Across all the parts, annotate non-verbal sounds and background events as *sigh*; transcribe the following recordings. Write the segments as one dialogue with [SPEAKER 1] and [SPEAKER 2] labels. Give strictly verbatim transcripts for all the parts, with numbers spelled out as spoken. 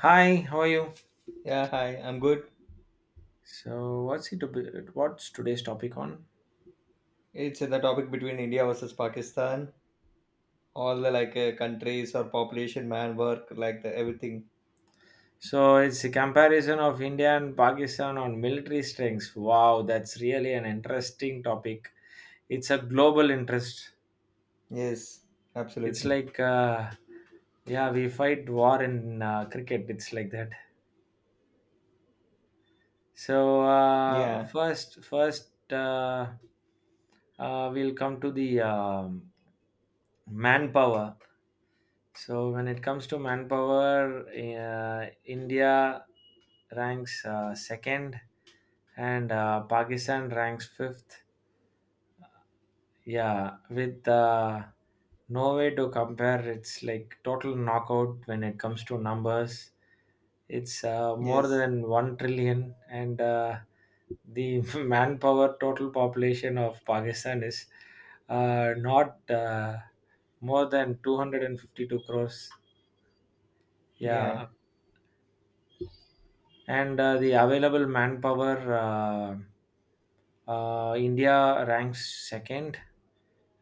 [SPEAKER 1] Hi, how are you?
[SPEAKER 2] Yeah, hi. I'm good.
[SPEAKER 1] So, what's it? ab- What's today's topic on?
[SPEAKER 2] It's the topic between India versus Pakistan. All the like uh, countries or population, man, work, like the everything.
[SPEAKER 1] So, it's a comparison of India and Pakistan on military strengths. Wow, that's really an interesting topic. It's a global interest.
[SPEAKER 2] Yes,
[SPEAKER 1] It's
[SPEAKER 2] absolutely.
[SPEAKER 1] like, uh, yeah, we fight war in uh, cricket. It's like that. So, uh,
[SPEAKER 2] Yeah.
[SPEAKER 1] first, first, uh, uh, we'll come to the um, manpower. So when it comes to manpower, uh, India ranks uh, second, and uh, Pakistan ranks fifth. Yeah, with uh, no way to compare. It's like total knockout when it comes to numbers. It's uh, more
[SPEAKER 2] Yes.
[SPEAKER 1] than one trillion, and uh, the *laughs* manpower total population of Pakistan is uh, not uh, more than two hundred and fifty-two crores.
[SPEAKER 2] Yeah.
[SPEAKER 1] Yeah. And uh, the available manpower, uh, uh, India ranks second,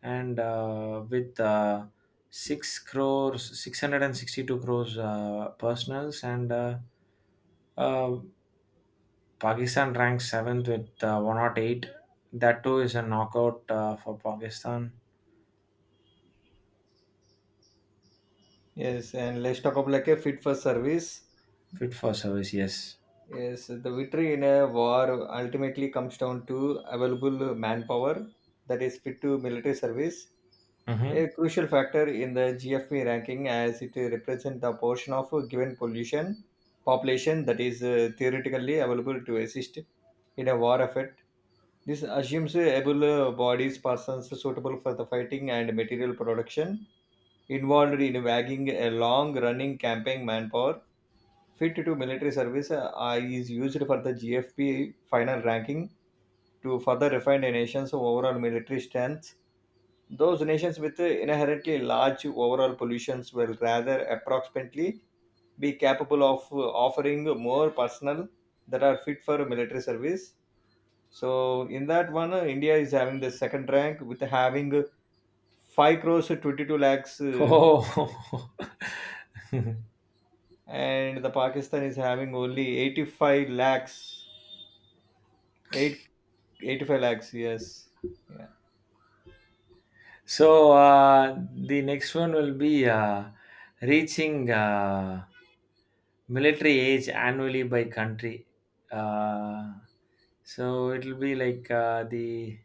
[SPEAKER 1] and uh, with uh, six crores, six hundred and sixty-two crores uh, personals, and uh, uh, Pakistan ranks seventh with uh, one hundred eight. That too is a knockout uh, for Pakistan.
[SPEAKER 2] Yes. And let's talk about like a fit for service.
[SPEAKER 1] Fit for service, yes.
[SPEAKER 2] Yes, the victory in a war ultimately comes down to available manpower that is fit to military service,
[SPEAKER 1] Mm-hmm.
[SPEAKER 2] a crucial factor in the G F P ranking as it represents the portion of a given pollution population that is uh, theoretically available to assist in a war effort. This assumes able uh, bodies, persons suitable for the fighting and material production involved in wagging a long running campaign manpower fit to military service uh, is used for the G F P final ranking to further refine a nation's overall military strength. Those nations with inherently large overall pollutions will rather approximately be capable of uh, offering more personnel that are fit for military service. So in that one, uh, India is having the second rank with having five crores twenty-two lakhs, uh,
[SPEAKER 1] Oh,
[SPEAKER 2] and the Pakistan is having only eighty-five lakhs. Eight, eighty-five lakhs, yes. Yeah.
[SPEAKER 1] *laughs* so uh, the next one will be uh, reaching. Uh, Military age annually by country. Uh, so it will be like uh, the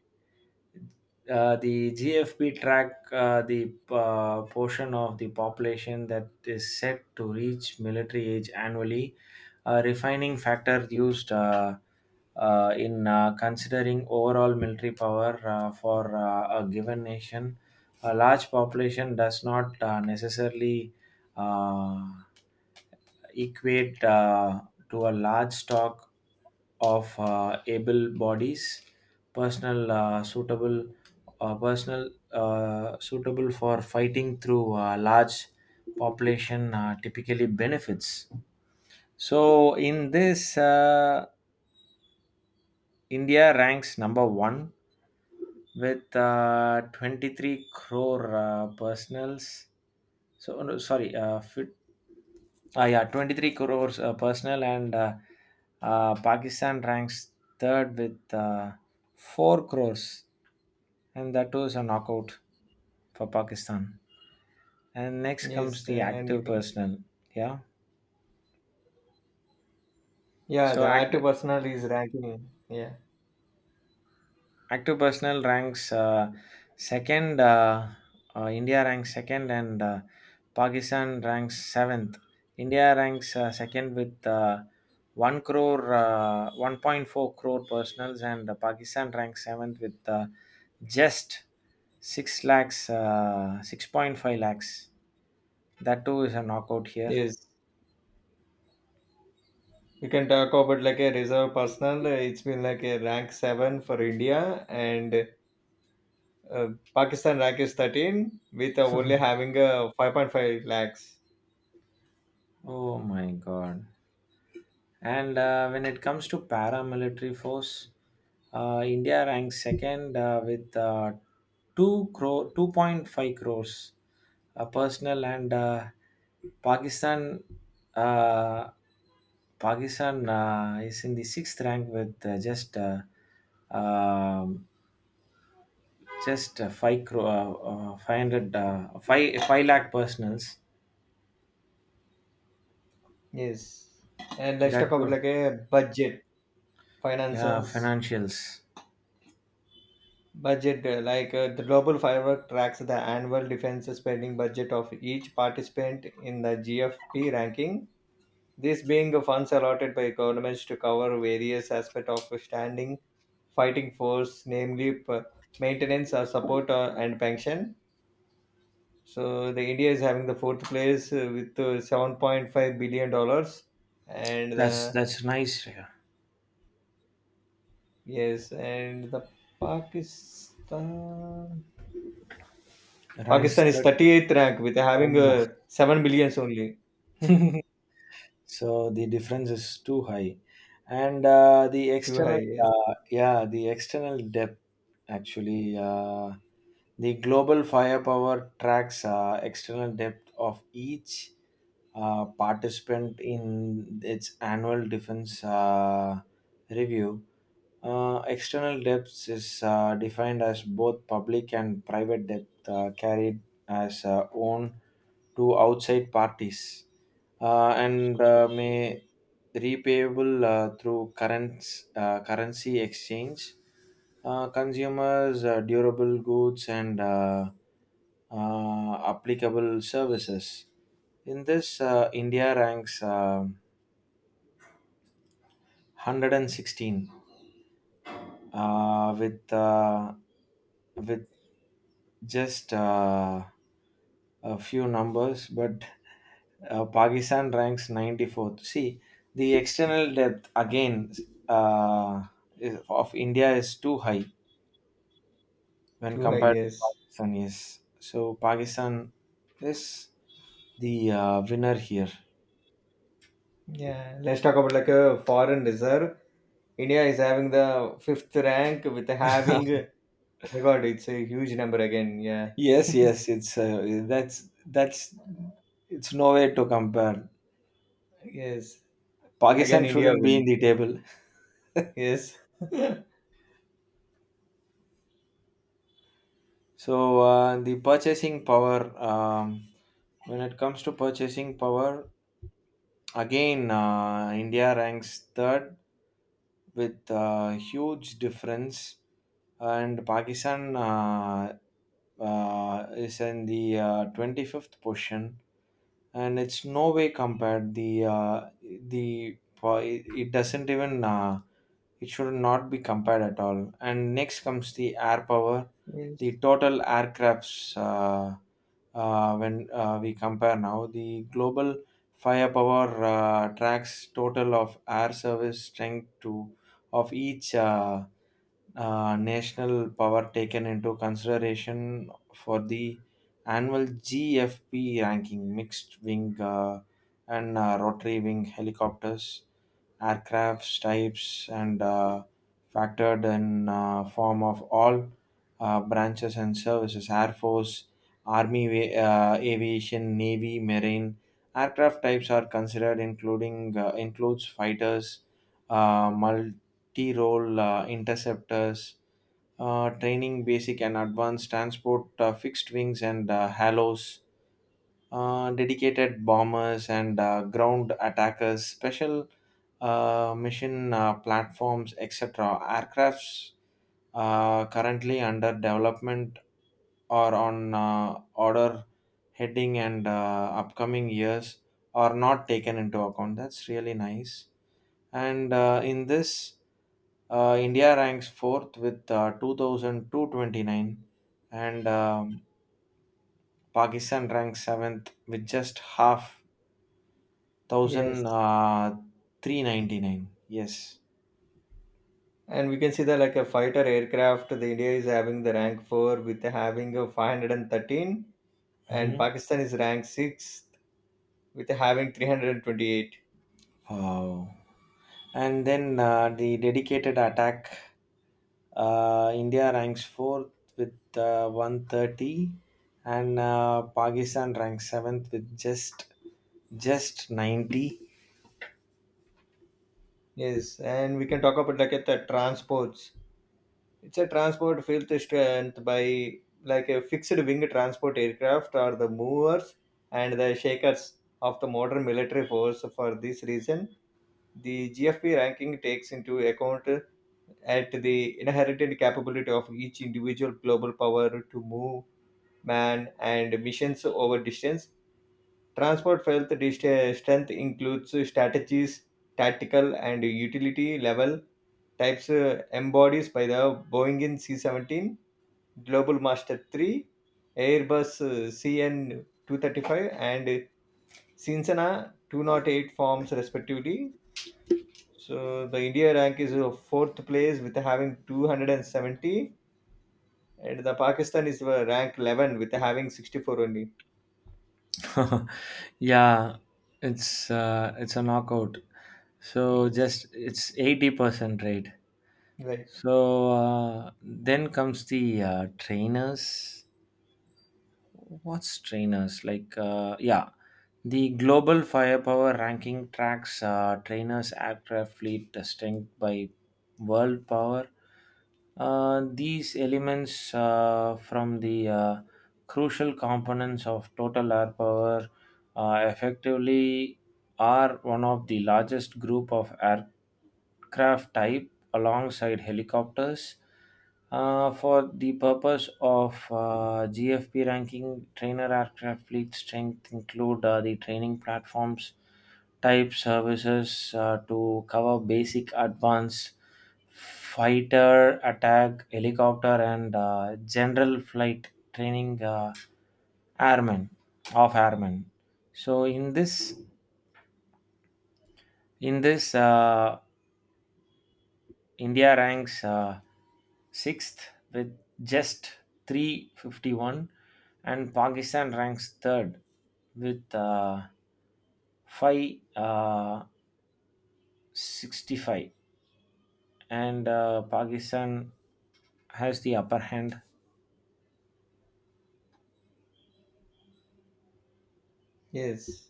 [SPEAKER 1] uh, the G F P track uh, the uh, portion of the population that is set to reach military age annually. A refining factor used uh, uh, in uh, considering overall military power uh, for uh, a given nation. A large population does not uh, necessarily uh, equate, uh, to a large stock of uh, able bodies, personal uh, suitable, uh, personal uh, suitable for fighting through a large population uh, typically benefits. So in this, uh, India ranks number one with uh, twenty-three crore uh, personals. So oh, no, sorry, uh, fit, ah yeah, twenty-three crores uh, personal and uh, uh, Pakistan ranks third with uh, four crores, and that was a knockout for Pakistan. And next comes
[SPEAKER 2] Yes, uh,
[SPEAKER 1] the
[SPEAKER 2] and we
[SPEAKER 1] active
[SPEAKER 2] can,
[SPEAKER 1] personnel. Yeah.
[SPEAKER 2] yeah,
[SPEAKER 1] So
[SPEAKER 2] the
[SPEAKER 1] act,
[SPEAKER 2] active personnel is ranking, yeah.
[SPEAKER 1] Active personnel ranks uh, second. Uh, uh, india ranks second, and uh, Pakistan ranks seventh. India ranks uh, second with uh, one crore, uh, one point four crore personals, and uh, Pakistan ranks seventh with uh, just six lakhs, uh, six point five lakhs. That too is a knockout here.
[SPEAKER 2] Yes. You can talk about like a reserve personnel. uh, It's been like a rank seven for India, and uh, Pakistan rank is thirteen with uh, only
[SPEAKER 1] *laughs*
[SPEAKER 2] having uh, five point five lakhs.
[SPEAKER 1] Oh my god. And uh, when it comes to paramilitary force, uh, India ranks second uh, with uh, two crore, two point five crores uh, personnel, and uh, Pakistan uh, Pakistan uh, is in the sixth rank with uh, just uh, um just uh, five crore, uh, uh, five hundred, uh, five five lakh personals.
[SPEAKER 2] Yes, and let's talk
[SPEAKER 1] That
[SPEAKER 2] about
[SPEAKER 1] too.
[SPEAKER 2] like a budget,
[SPEAKER 1] Yeah,
[SPEAKER 2] finances,
[SPEAKER 1] financials.
[SPEAKER 2] budget. uh, Like uh, the global firework tracks the annual defense spending budget of each participant in the G F P ranking. This being funds allotted by governments to cover various aspects of standing fighting force, namely p- maintenance or support, uh, and pension. So the India is having the fourth place, uh, with uh, seven point five billion dollars, and
[SPEAKER 1] that's
[SPEAKER 2] the,
[SPEAKER 1] that's nice, yeah.
[SPEAKER 2] yes, and the Pakistan
[SPEAKER 1] Ranks
[SPEAKER 2] Pakistan is
[SPEAKER 1] third.
[SPEAKER 2] thirty-eighth rank with
[SPEAKER 1] Oh
[SPEAKER 2] having
[SPEAKER 1] my.
[SPEAKER 2] uh, seven billions only.
[SPEAKER 1] *laughs* So the difference is too high, and uh, the
[SPEAKER 2] *laughs* Too high,
[SPEAKER 1] external,
[SPEAKER 2] yes.
[SPEAKER 1] uh, yeah, the external depth actually. Uh, the global firepower tracks uh, external depth of each uh, participant in its annual defense uh, review. Uh, external depths is uh, defined as both public and private depth uh, carried as uh, own to outside parties, uh, and uh, may repayable uh, through currents, uh, currency exchange. Uh, consumers, uh, durable goods, and uh, uh, applicable services. In this, uh, India ranks uh, one hundred sixteen uh, with uh, with just uh, a few numbers, but uh, Pakistan ranks ninety-fourth. See, the external depth again uh, is, of India is too high when
[SPEAKER 2] Too high,
[SPEAKER 1] compared to
[SPEAKER 2] yes.
[SPEAKER 1] Pakistan. Yes, so Pakistan is the uh, winner here.
[SPEAKER 2] Yeah, let's talk about like a foreign reserve. India is having the fifth rank with having,
[SPEAKER 1] *laughs*
[SPEAKER 2] oh my god, it's a huge number again. Yeah. *laughs*
[SPEAKER 1] Yes, yes, it's uh, that's that's it's nowhere to compare.
[SPEAKER 2] Yes,
[SPEAKER 1] Pakistan
[SPEAKER 2] again India
[SPEAKER 1] shouldn't be in
[SPEAKER 2] win.
[SPEAKER 1] the
[SPEAKER 2] Yeah.
[SPEAKER 1] table.
[SPEAKER 2] Yes, *laughs*
[SPEAKER 1] So uh, the purchasing power, um, When it comes to purchasing power, again uh, India ranks third with a huge difference, and Pakistan uh, uh, is in the uh, twenty-fifth position, and it's no way compared. The uh, the it doesn't even uh, it should not be compared at all. And next comes the air power,
[SPEAKER 2] Yes.
[SPEAKER 1] the total aircrafts. Uh, uh, when uh, we compare now, the global firepower uh, tracks total of air service strength to of each uh, uh, national power taken into consideration for the annual G F P ranking, mixed wing uh, and uh, rotary wing helicopters. Aircraft types and uh, factored in uh, form of all uh, branches and services: air force, army wa- uh, aviation, navy, marine. Aircraft types are considered, including uh, includes fighters, uh, multi-role, uh, interceptors, uh, training basic and advanced transport, uh, fixed wings, and uh, halos, uh, dedicated bombers, and uh, ground attackers, special uh, mission uh, platforms, et cetera. Aircrafts uh, currently under development or on uh, order heading and uh, upcoming years are not taken into account. That's really nice. And uh, in this, uh, India ranks fourth with uh, two thousand two hundred twenty-nine, and um, Pakistan ranks seventh with just half thousand,
[SPEAKER 2] Yes,
[SPEAKER 1] uh, three ninety nine. Yes.
[SPEAKER 2] and we can see that like a fighter aircraft, the India is having the rank four with having a five hundred and thirteen, and
[SPEAKER 1] Mhm.
[SPEAKER 2] Pakistan is ranked sixth with having three hundred and twenty eight.
[SPEAKER 1] Wow. And then uh, the dedicated attack. Uh, India ranks fourth with uh, one thirty, and uh, Pakistan ranks seventh with just just ninety.
[SPEAKER 2] Yes, and we can talk about like at the transports. It's a transport fifth strength by like a fixed wing transport aircraft are the movers and the shakers of the modern military force. For this reason, the G F P ranking takes into account at the inherent capability of each individual global power to move man and missions over distance. Transport felt dist- strength includes strategies, tactical and utility level types uh, embodies by the Boeing in C seventeen Global Master three, Airbus uh, C N two thirty-five, and Cincinnati two oh eight forms respectively. So the India rank is uh, fourth place with having two hundred seventy, and the Pakistan is uh, rank eleven with having sixty-four only.
[SPEAKER 1] *laughs* Yeah, it's uh, it's a knockout. So
[SPEAKER 2] Yes,
[SPEAKER 1] just it's eighty percent rate.
[SPEAKER 2] right.
[SPEAKER 1] So uh, then comes the uh, trainers. What's trainers like? Uh, yeah, the global firepower ranking tracks uh, trainers aircraft fleet strength by world power. Uh, these elements uh, from the uh, crucial components of total air power uh, effectively are one of the largest group of aircraft types alongside helicopters uh, for the purpose of uh, G F P ranking. Trainer aircraft fleet strength include uh, the training platforms, type services uh, to cover basic, advanced, fighter, attack, helicopter, and uh, general flight training uh, airmen of airmen. So in this in this uh, India ranks Uh, sixth with just three fifty-one, and Pakistan ranks third with uh, sixty five, uh, sixty-five. And uh, Pakistan has the upper hand.
[SPEAKER 2] Yes,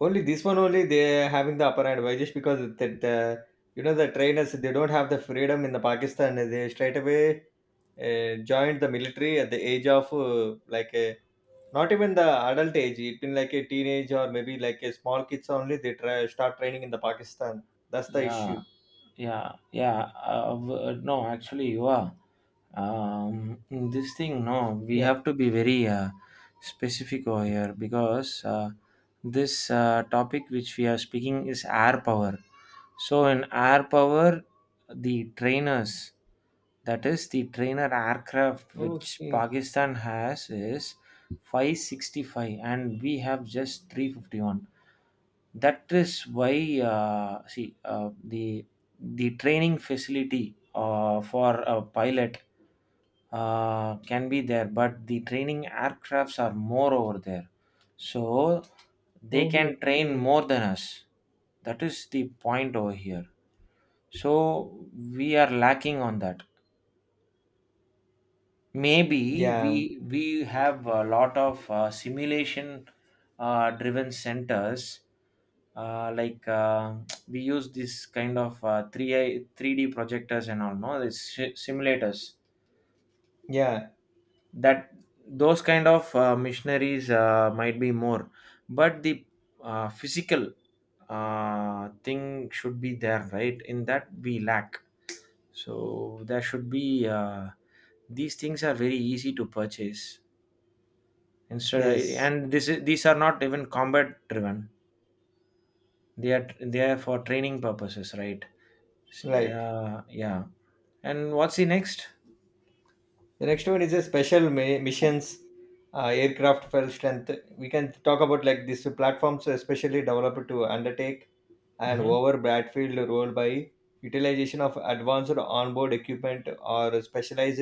[SPEAKER 2] only this one only they are having the upper hand. Why? Just because that the you know the trainers they don't have the freedom in the Pakistan. They straight away uh, joined the military at the age of, uh, like, uh, not even the adult age. It's been like a teenage or maybe like a small kids only, they try start training in the Pakistan. That's the issue.
[SPEAKER 1] Yeah, yeah, yeah. Uh, w- uh, no, actually, you are. Um in this thing no we
[SPEAKER 2] Yeah.
[SPEAKER 1] have to be very uh, specific over here, because uh, this uh, topic which we are speaking is air power. So in air power, the trainers, that is the trainer aircraft which
[SPEAKER 2] Okay.
[SPEAKER 1] Pakistan has, is five sixty-five, and we have just three fifty-one. That is why, uh, see uh, the the training facility uh, for a pilot uh, can be there, but the training aircrafts are more over there, so they
[SPEAKER 2] Oh,
[SPEAKER 1] can train
[SPEAKER 2] okay.
[SPEAKER 1] more than us. That is the point over here. So we are lacking on that. Maybe we
[SPEAKER 2] Yeah.
[SPEAKER 1] we have a lot of uh, simulation uh, driven centers, uh, like uh, we use this kind of uh, three I three D projectors and all, no, these si- simulators.
[SPEAKER 2] Yeah.
[SPEAKER 1] That Those kind of uh, missionaries uh, might be more, but the uh, physical uh, thing should be there, right? In that we lack. So there should be uh, these things are very easy to purchase. Instead I-
[SPEAKER 2] Yes.
[SPEAKER 1] and This is, these are not even combat driven, they are they are for training purposes, right? See,
[SPEAKER 2] Right.
[SPEAKER 1] uh, yeah. And what's the next?
[SPEAKER 2] The next one is a special mi- missions uh, aircraft fell strength. We can talk about like these platforms, especially developed to undertake and
[SPEAKER 1] Mm-hmm.
[SPEAKER 2] over battlefield role by utilization of advanced onboard equipment or specialized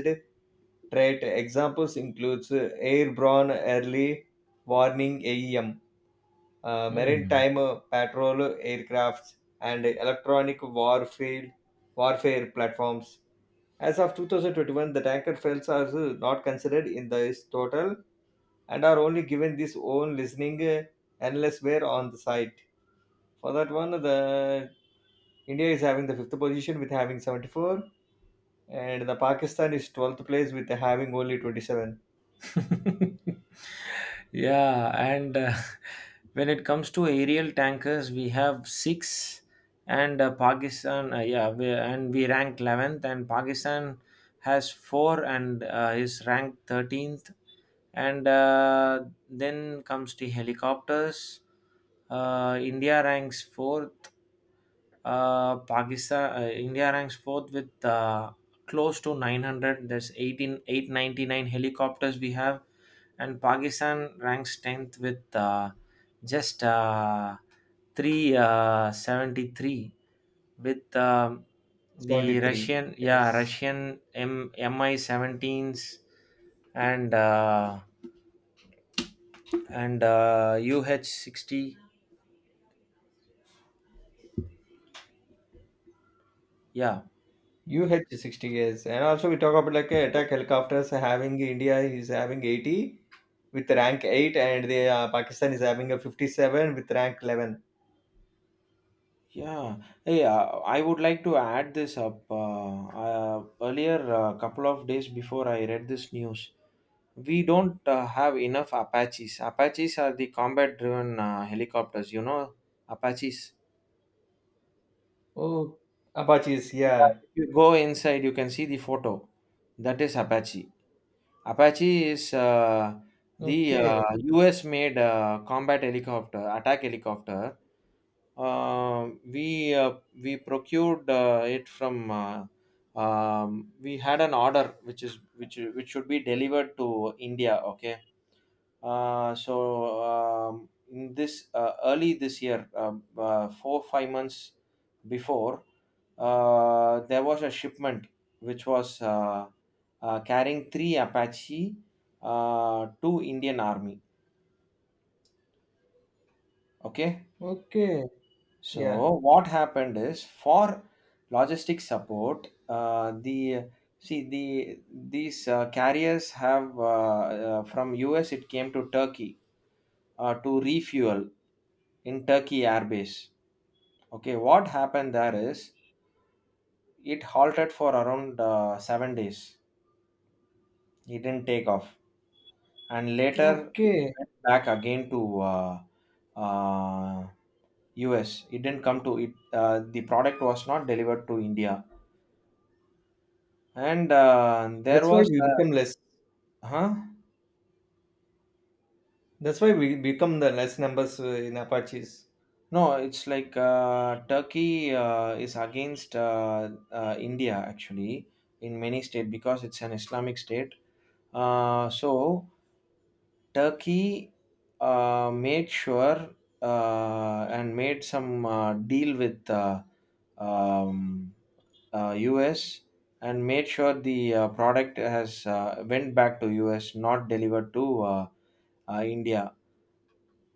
[SPEAKER 2] trait. Examples includes uh, airborne early warning A E M, uh,
[SPEAKER 1] Hmm.
[SPEAKER 2] maritime uh, patrol aircrafts, and electronic warfare warfare platforms. As of two thousand twenty-one, the tanker fails are uh, not considered in this total and are only given this own listening, uh, unless we on the site. For that one, the India is having the fifth position with having seventy-four, and the Pakistan is twelfth place with having only twenty-seven.
[SPEAKER 1] *laughs* Yeah, and uh, *laughs* when it comes to aerial tankers, we have six, and uh, Pakistan, uh, yeah, we, and we ranked eleventh, and Pakistan has four and uh, is ranked thirteenth. And uh, then comes the helicopters. Uh, India ranks fourth, uh, Pakistan, uh, India ranks fourth with uh, close to nine hundred. There's eighteen eight ninety nine helicopters we have, and Pakistan ranks tenth with uh, just uh, three seventy-three with um the
[SPEAKER 2] seventy-three,
[SPEAKER 1] Russian, yeah,
[SPEAKER 2] yes.
[SPEAKER 1] Russian M- Mi-17s, and uh, and uh, U H sixty. Yeah,
[SPEAKER 2] U H sixty, yes, and also we talk about like uh, attack helicopters having India is having eighty with rank eight, and the uh, Pakistan is having a fifty-seven with rank eleven.
[SPEAKER 1] Yeah, hey, uh, I would like to add this up. Uh, uh, earlier, a couple of days before, I read this news: we don't uh, have enough Apaches. Apaches are the combat driven uh, helicopters, you know, Apaches.
[SPEAKER 2] Oh, Apaches,
[SPEAKER 1] Yeah,
[SPEAKER 2] yeah.
[SPEAKER 1] if you go inside, you can see the photo. That is Apache. Apache is uh, the
[SPEAKER 2] Okay,
[SPEAKER 1] uh, U S made uh, combat helicopter, attack helicopter. Um, we uh, we procured uh, it from. Uh, um, we had an order which is which which should be delivered to India. Okay. Uh, so um, In this uh, early this year, um, uh, four five months before, uh, there was a shipment which was uh, uh, carrying three Apache uh, to Indian Army. Okay.
[SPEAKER 2] okay, yeah,
[SPEAKER 1] So what happened is, for logistic support, uh, the see the these uh, carriers have uh, uh, from U S it came to Turkey uh, to refuel in Turkey airbase. Okay, what happened there is it halted for around uh, seven days. It didn't take off, and later it
[SPEAKER 2] okay.
[SPEAKER 1] went back again to uh, uh, U S. It didn't come to it. Uh, the product was not delivered to India. And uh, there
[SPEAKER 2] That's why
[SPEAKER 1] was,
[SPEAKER 2] we become
[SPEAKER 1] uh,
[SPEAKER 2] less.
[SPEAKER 1] huh?
[SPEAKER 2] That's why we become the less numbers uh, in Apaches.
[SPEAKER 1] No, it's like uh, Turkey uh, is against uh, uh, India actually in many states because it's an Islamic state. Uh, so Turkey uh, made sure uh, and made some uh, deal with uh, um, uh, U S and made sure the uh, product has uh, went back to U S, not delivered to uh, uh, India.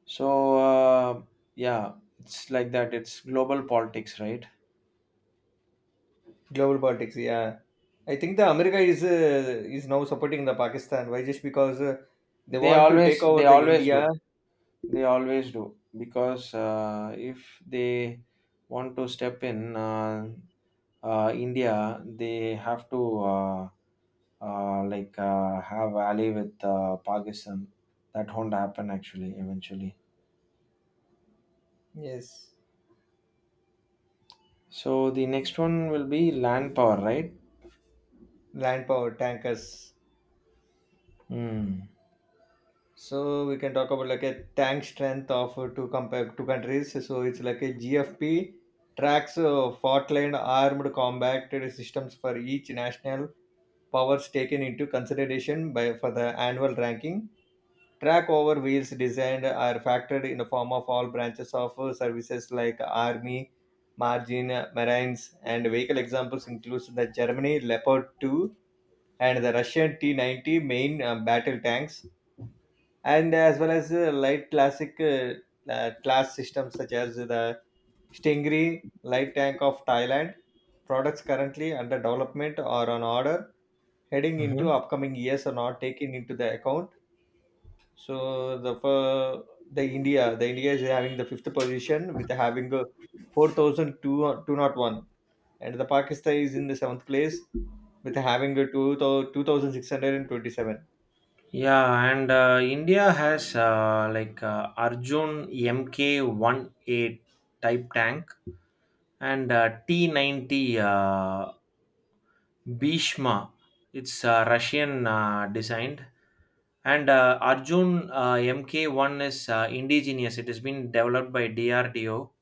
[SPEAKER 1] So uh, yeah, it's like that. It's global politics, right?
[SPEAKER 2] Global politics, yeah. I think the America is uh, is now supporting the Pakistan. Why? Just because uh, they
[SPEAKER 1] They
[SPEAKER 2] want to
[SPEAKER 1] always
[SPEAKER 2] take
[SPEAKER 1] they
[SPEAKER 2] over the
[SPEAKER 1] always
[SPEAKER 2] India.
[SPEAKER 1] do. They always do because uh, if they want to step in uh, uh, India, they have to uh, uh, like uh, have ally with uh, Pakistan. That won't happen actually eventually.
[SPEAKER 2] Yes.
[SPEAKER 1] So the next one will be land power, right?
[SPEAKER 2] Land power tankers,
[SPEAKER 1] Hmm.
[SPEAKER 2] so we can talk about like a tank strength of, uh, two compare two countries, so it's like a G F P tracks uh, fault-line armed combat systems for each national powers taken into consideration by for the annual ranking. Track over wheels designed are factored in the form of all branches of uh, services like army, margin, uh, marines and vehicle examples includes the Germany Leopard two and the Russian T ninety main uh, battle tanks and as well as uh, light classic uh, uh, class systems such as the Stingray light tank of Thailand. Products currently under development or on order heading into
[SPEAKER 1] Mhm.
[SPEAKER 2] upcoming years are not taken into the account. So the for the India, the India is having the fifth position with having a four thousand two hundred one, and the Pakistan is in the seventh place with having a two thousand six hundred twenty-seven.
[SPEAKER 1] Yeah, and uh, India has, uh, like, uh, Arjun M K eighteen one A type tank and uh, T ninety uh, Bhishma. It's uh, Russian uh, designed. And uh, Arjun uh, M K one is uh, indigenous. It has been developed by D R D O,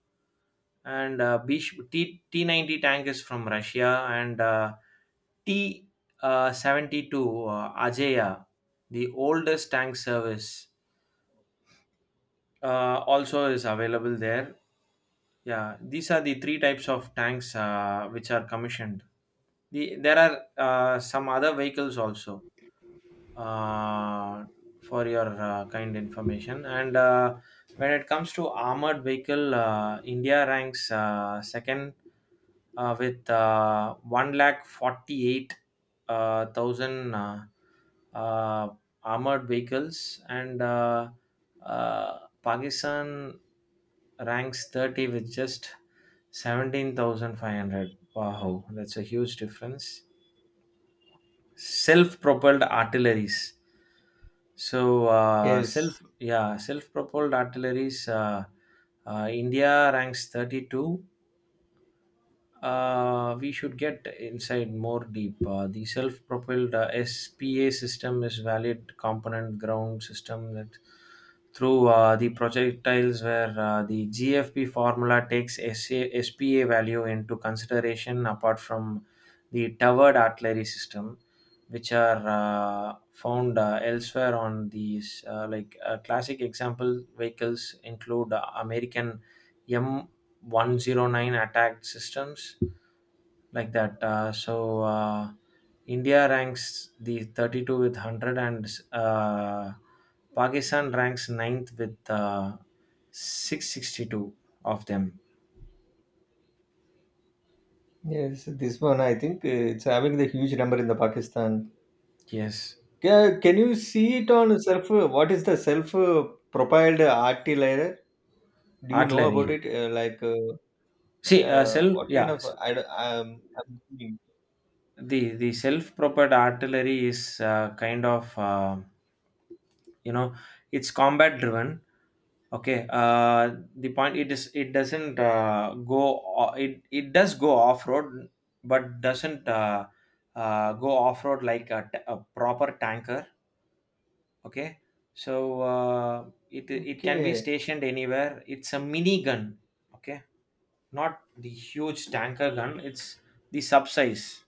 [SPEAKER 1] and uh, T T T90 tank is from Russia, and uh, T uh, seventy-two uh, Ajaya, the oldest tank service, uh, also is available there. Yeah, these are the three types of tanks uh, which are commissioned. The, there are uh, some other vehicles also, uh, for your uh, kind information. And uh, when it comes to armored vehicle, uh, India ranks uh, second, uh, with uh, one lakh forty-eight uh, thousand uh, uh, armored vehicles, and uh, uh, pakistan ranks thirty with just seventeen thousand five hundred. Wow, that's a huge difference. Self-propelled artilleries. So, uh, self
[SPEAKER 2] Yes.
[SPEAKER 1] yeah self-propelled artilleries, uh, uh, india ranks thirty-two. Uh, we should get inside more deep. Uh, the self-propelled uh, S P A system is valid component ground system that through uh, the projectiles, where uh, the G F P formula takes S A, S P A value into consideration apart from the towered artillery system, which are uh, found uh, elsewhere on these, uh, like, uh, classic example vehicles include uh, American M one oh nine attack systems, like that. Uh, so uh, India ranks the thirty-two with one hundred, and uh, Pakistan ranks ninth with uh, six hundred sixty-two of them.
[SPEAKER 2] Yes, this one I think uh, it's having the huge number in the Pakistan.
[SPEAKER 1] Yes,
[SPEAKER 2] Ca- Can you see it on self? uh, What is the self-propelled artillery? Do you know about
[SPEAKER 1] artillery.
[SPEAKER 2] it? Uh, like, uh,
[SPEAKER 1] See, uh,
[SPEAKER 2] yeah,
[SPEAKER 1] self
[SPEAKER 2] what kind
[SPEAKER 1] yeah,
[SPEAKER 2] of?
[SPEAKER 1] s-
[SPEAKER 2] I don't- um, I'm thinking.
[SPEAKER 1] the the self-propelled artillery is uh, kind of, uh, you know it's combat driven. Okay, uh, the point it is, it doesn't, uh, go o- it it does go off road, but doesn't, uh, uh, go off road like a, t- a proper tanker. Okay, so uh, it it can be
[SPEAKER 2] Okay,
[SPEAKER 1] stationed anywhere. It's a mini gun. Okay, not the huge tanker gun. It's the sub size.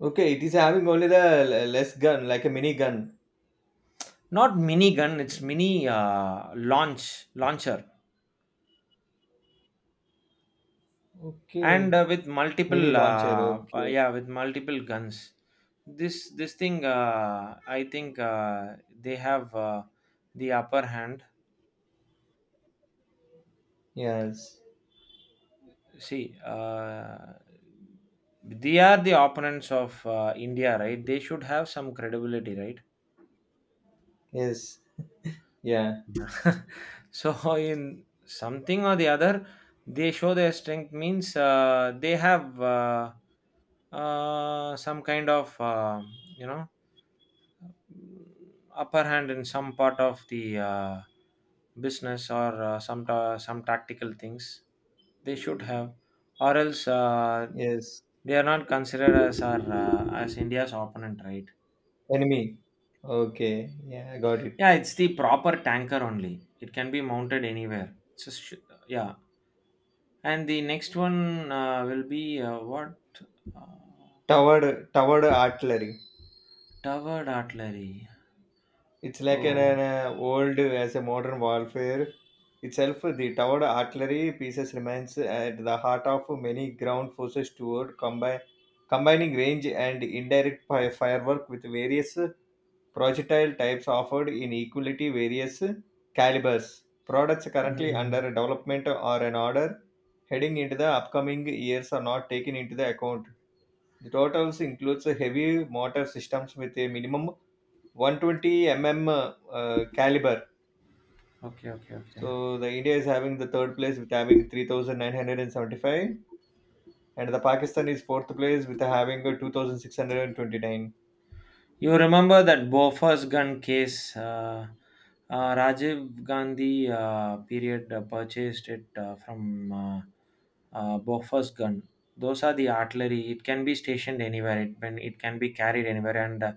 [SPEAKER 2] okay. It is having only the l- less gun, like a mini gun.
[SPEAKER 1] Not mini gun. It's
[SPEAKER 2] Okay,
[SPEAKER 1] mini, uh, launch launcher, and
[SPEAKER 2] okay,
[SPEAKER 1] uh, with
[SPEAKER 2] mini
[SPEAKER 1] multiple
[SPEAKER 2] launcher.
[SPEAKER 1] uh, uh,
[SPEAKER 2] Okay,
[SPEAKER 1] yeah with multiple guns. This this thing, uh, I think uh, they have uh, the upper hand.
[SPEAKER 2] yes,
[SPEAKER 1] See, uh, they are the opponents of uh, india, right? They should have some credibility, right?
[SPEAKER 2] yes, yeah,
[SPEAKER 1] *laughs* So in something or the other, they show their strength. Means uh, they have, uh, uh, some kind of uh, you know upper hand in some part of the uh, business, or uh, some ta- some tactical things they should have. Or else uh,
[SPEAKER 2] yes.
[SPEAKER 1] they are not considered as our uh, as india's opponent, right?
[SPEAKER 2] Enemy. Okay, yeah, I got it.
[SPEAKER 1] Yeah, it's the proper tanker only. It can be mounted anywhere. It's a sh- yeah and the next one uh, will be uh, what? uh,
[SPEAKER 2] Towered, towered artillery.
[SPEAKER 1] Towered artillery.
[SPEAKER 2] It's like an, an
[SPEAKER 1] Oh.
[SPEAKER 2] uh, old as a modern warfare itself. The towered artillery pieces remains at the heart of many ground forces toward combi- combining range and indirect fi- firework with various projectile types offered in equality various calibers. Products currently under
[SPEAKER 1] Mm.
[SPEAKER 2] development or an order heading into the upcoming years are not taken into the account. The totals includes heavy mortar systems with a minimum one hundred twenty millimeters uh, caliber.
[SPEAKER 1] Okay, okay, okay.
[SPEAKER 2] So the India is having the third place with having three thousand nine hundred seventy-five and seventy-five, and the Pakistan is fourth place with having uh, two thousand six hundred twenty-nine.
[SPEAKER 1] You remember that Bofors gun case? Uh, uh, Rajiv Gandhi uh, period uh, purchased it uh, from, uh, uh, Bofors gun. Those are the artillery. It can be stationed anywhere. It can it can be carried anywhere, and uh,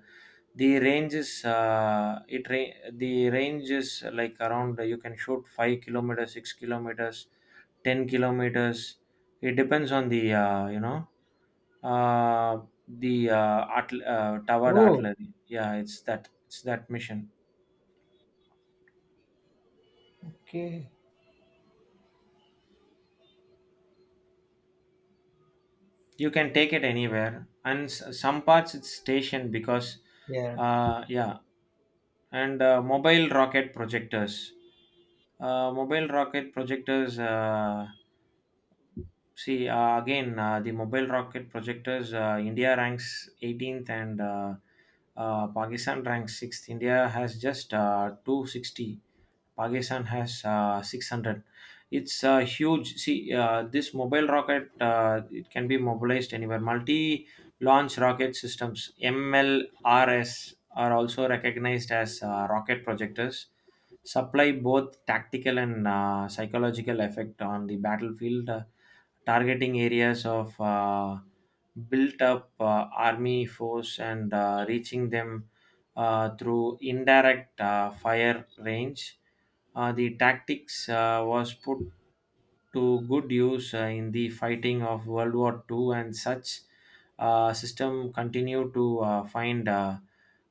[SPEAKER 1] the range is uh, it ra- the range is uh, like, around. uh, You can shoot five kilometers, six kilometers, ten kilometers. It depends on the uh, you know uh, the uh, art, uh, towered
[SPEAKER 2] Oh.
[SPEAKER 1] artillery. Yeah, it's that it's that mission.
[SPEAKER 2] Okay.
[SPEAKER 1] You can take it anywhere, and s- some parts it's stationed because,
[SPEAKER 2] Yeah.
[SPEAKER 1] uh, yeah. And uh, mobile rocket projectors. Uh, mobile rocket projectors. Uh, see, uh, again, uh, the mobile rocket projectors. Uh, India ranks eighteenth, and uh, uh, Pakistan ranks sixth. India has just uh, two hundred sixty. Pakistan has uh, six hundred. It's uh, huge. See, uh, this mobile rocket, uh, it can be mobilized anywhere. Multi-launch rocket systems (M L R S) are also recognized as uh, rocket projectors. Supply both tactical and uh, psychological effect on the battlefield, uh, targeting areas of uh, built-up uh, army force and uh, reaching them uh, through indirect uh, fire range. Uh, the tactics uh, was put to good use uh, in the fighting of World War Two, and such uh, system continue to uh, find uh,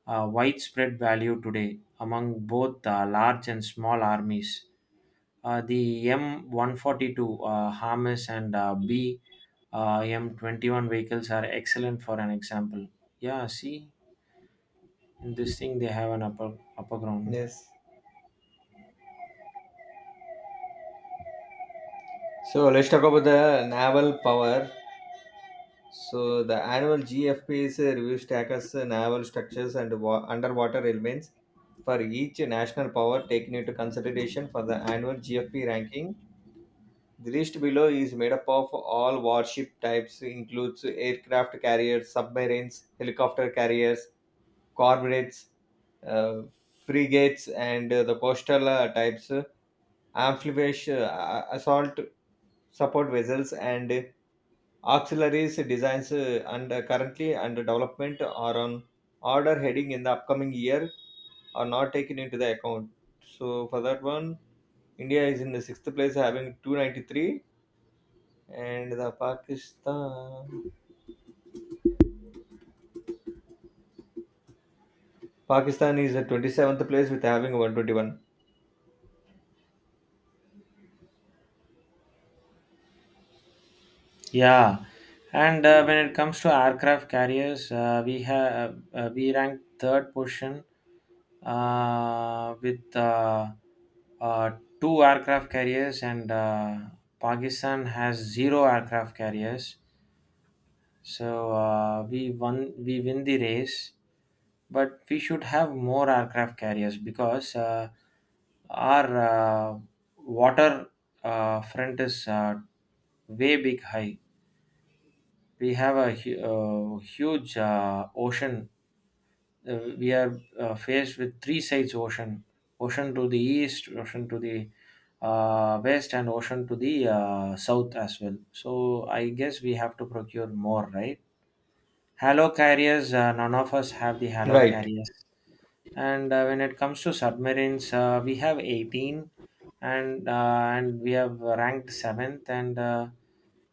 [SPEAKER 1] uh, widespread value today among both uh, large and small armies. Uh, the M one forty-two, uh, Harmes, and uh, B uh, M twenty-one vehicles are excellent for an example. Yeah, see, in this thing they have an upper upper ground.
[SPEAKER 2] Yes. So let's talk about the naval power. So the annual G F P is uh, reviews tackles uh, naval structures and wa- underwater elements for each national power taken into consideration for the annual G F P ranking. The list below is made up of all warship types, includes aircraft carriers, submarines, helicopter carriers, corvettes, uh, frigates, and uh, the coastal uh, types, uh, amphibious uh, assault support vessels, and auxiliaries designs uh, and uh, currently under development are on order heading in the upcoming year are not taken into the account. So for that one, India is in the sixth place having two hundred ninety-three, and the Pakistan Pakistan is at twenty-seventh place with having one hundred twenty-one.
[SPEAKER 1] Yeah, and uh, when it comes to aircraft carriers, uh, we have uh, we ranked third position uh, with, uh, uh, two aircraft carriers, and uh, Pakistan has zero aircraft carriers. So uh, we won we win the race, but we should have more aircraft carriers because uh, our uh, water uh, front is uh, way big high. We have a hu- uh, huge uh, ocean. Uh, we are uh, faced with three sides ocean: ocean to the east, ocean to the uh, west, and ocean to the uh, south as well. So I guess we have to procure more, right? Halo carriers. Uh, none of us have the halo
[SPEAKER 2] Right.
[SPEAKER 1] carriers. And uh, when it comes to submarines, uh, we have eighteen, and uh, and we have ranked seventh and. Uh,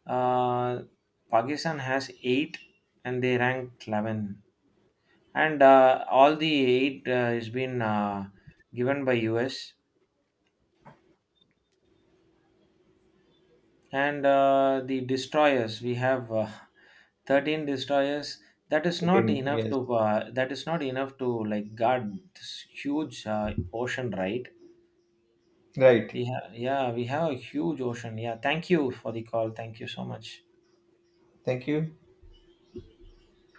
[SPEAKER 1] uh, Pakistan has eight, and they ranked eleven. And uh, all the eight uh, has been uh, given by U S. And uh, the destroyers, we have uh, thirteen destroyers. That is not
[SPEAKER 2] thirteen,
[SPEAKER 1] enough
[SPEAKER 2] yes.
[SPEAKER 1] to uh, that is not enough to like guard this huge uh, ocean, right?
[SPEAKER 2] Right.
[SPEAKER 1] We have yeah, we have a huge ocean. Yeah, thank you for the call. Thank you so much.
[SPEAKER 2] Thank you.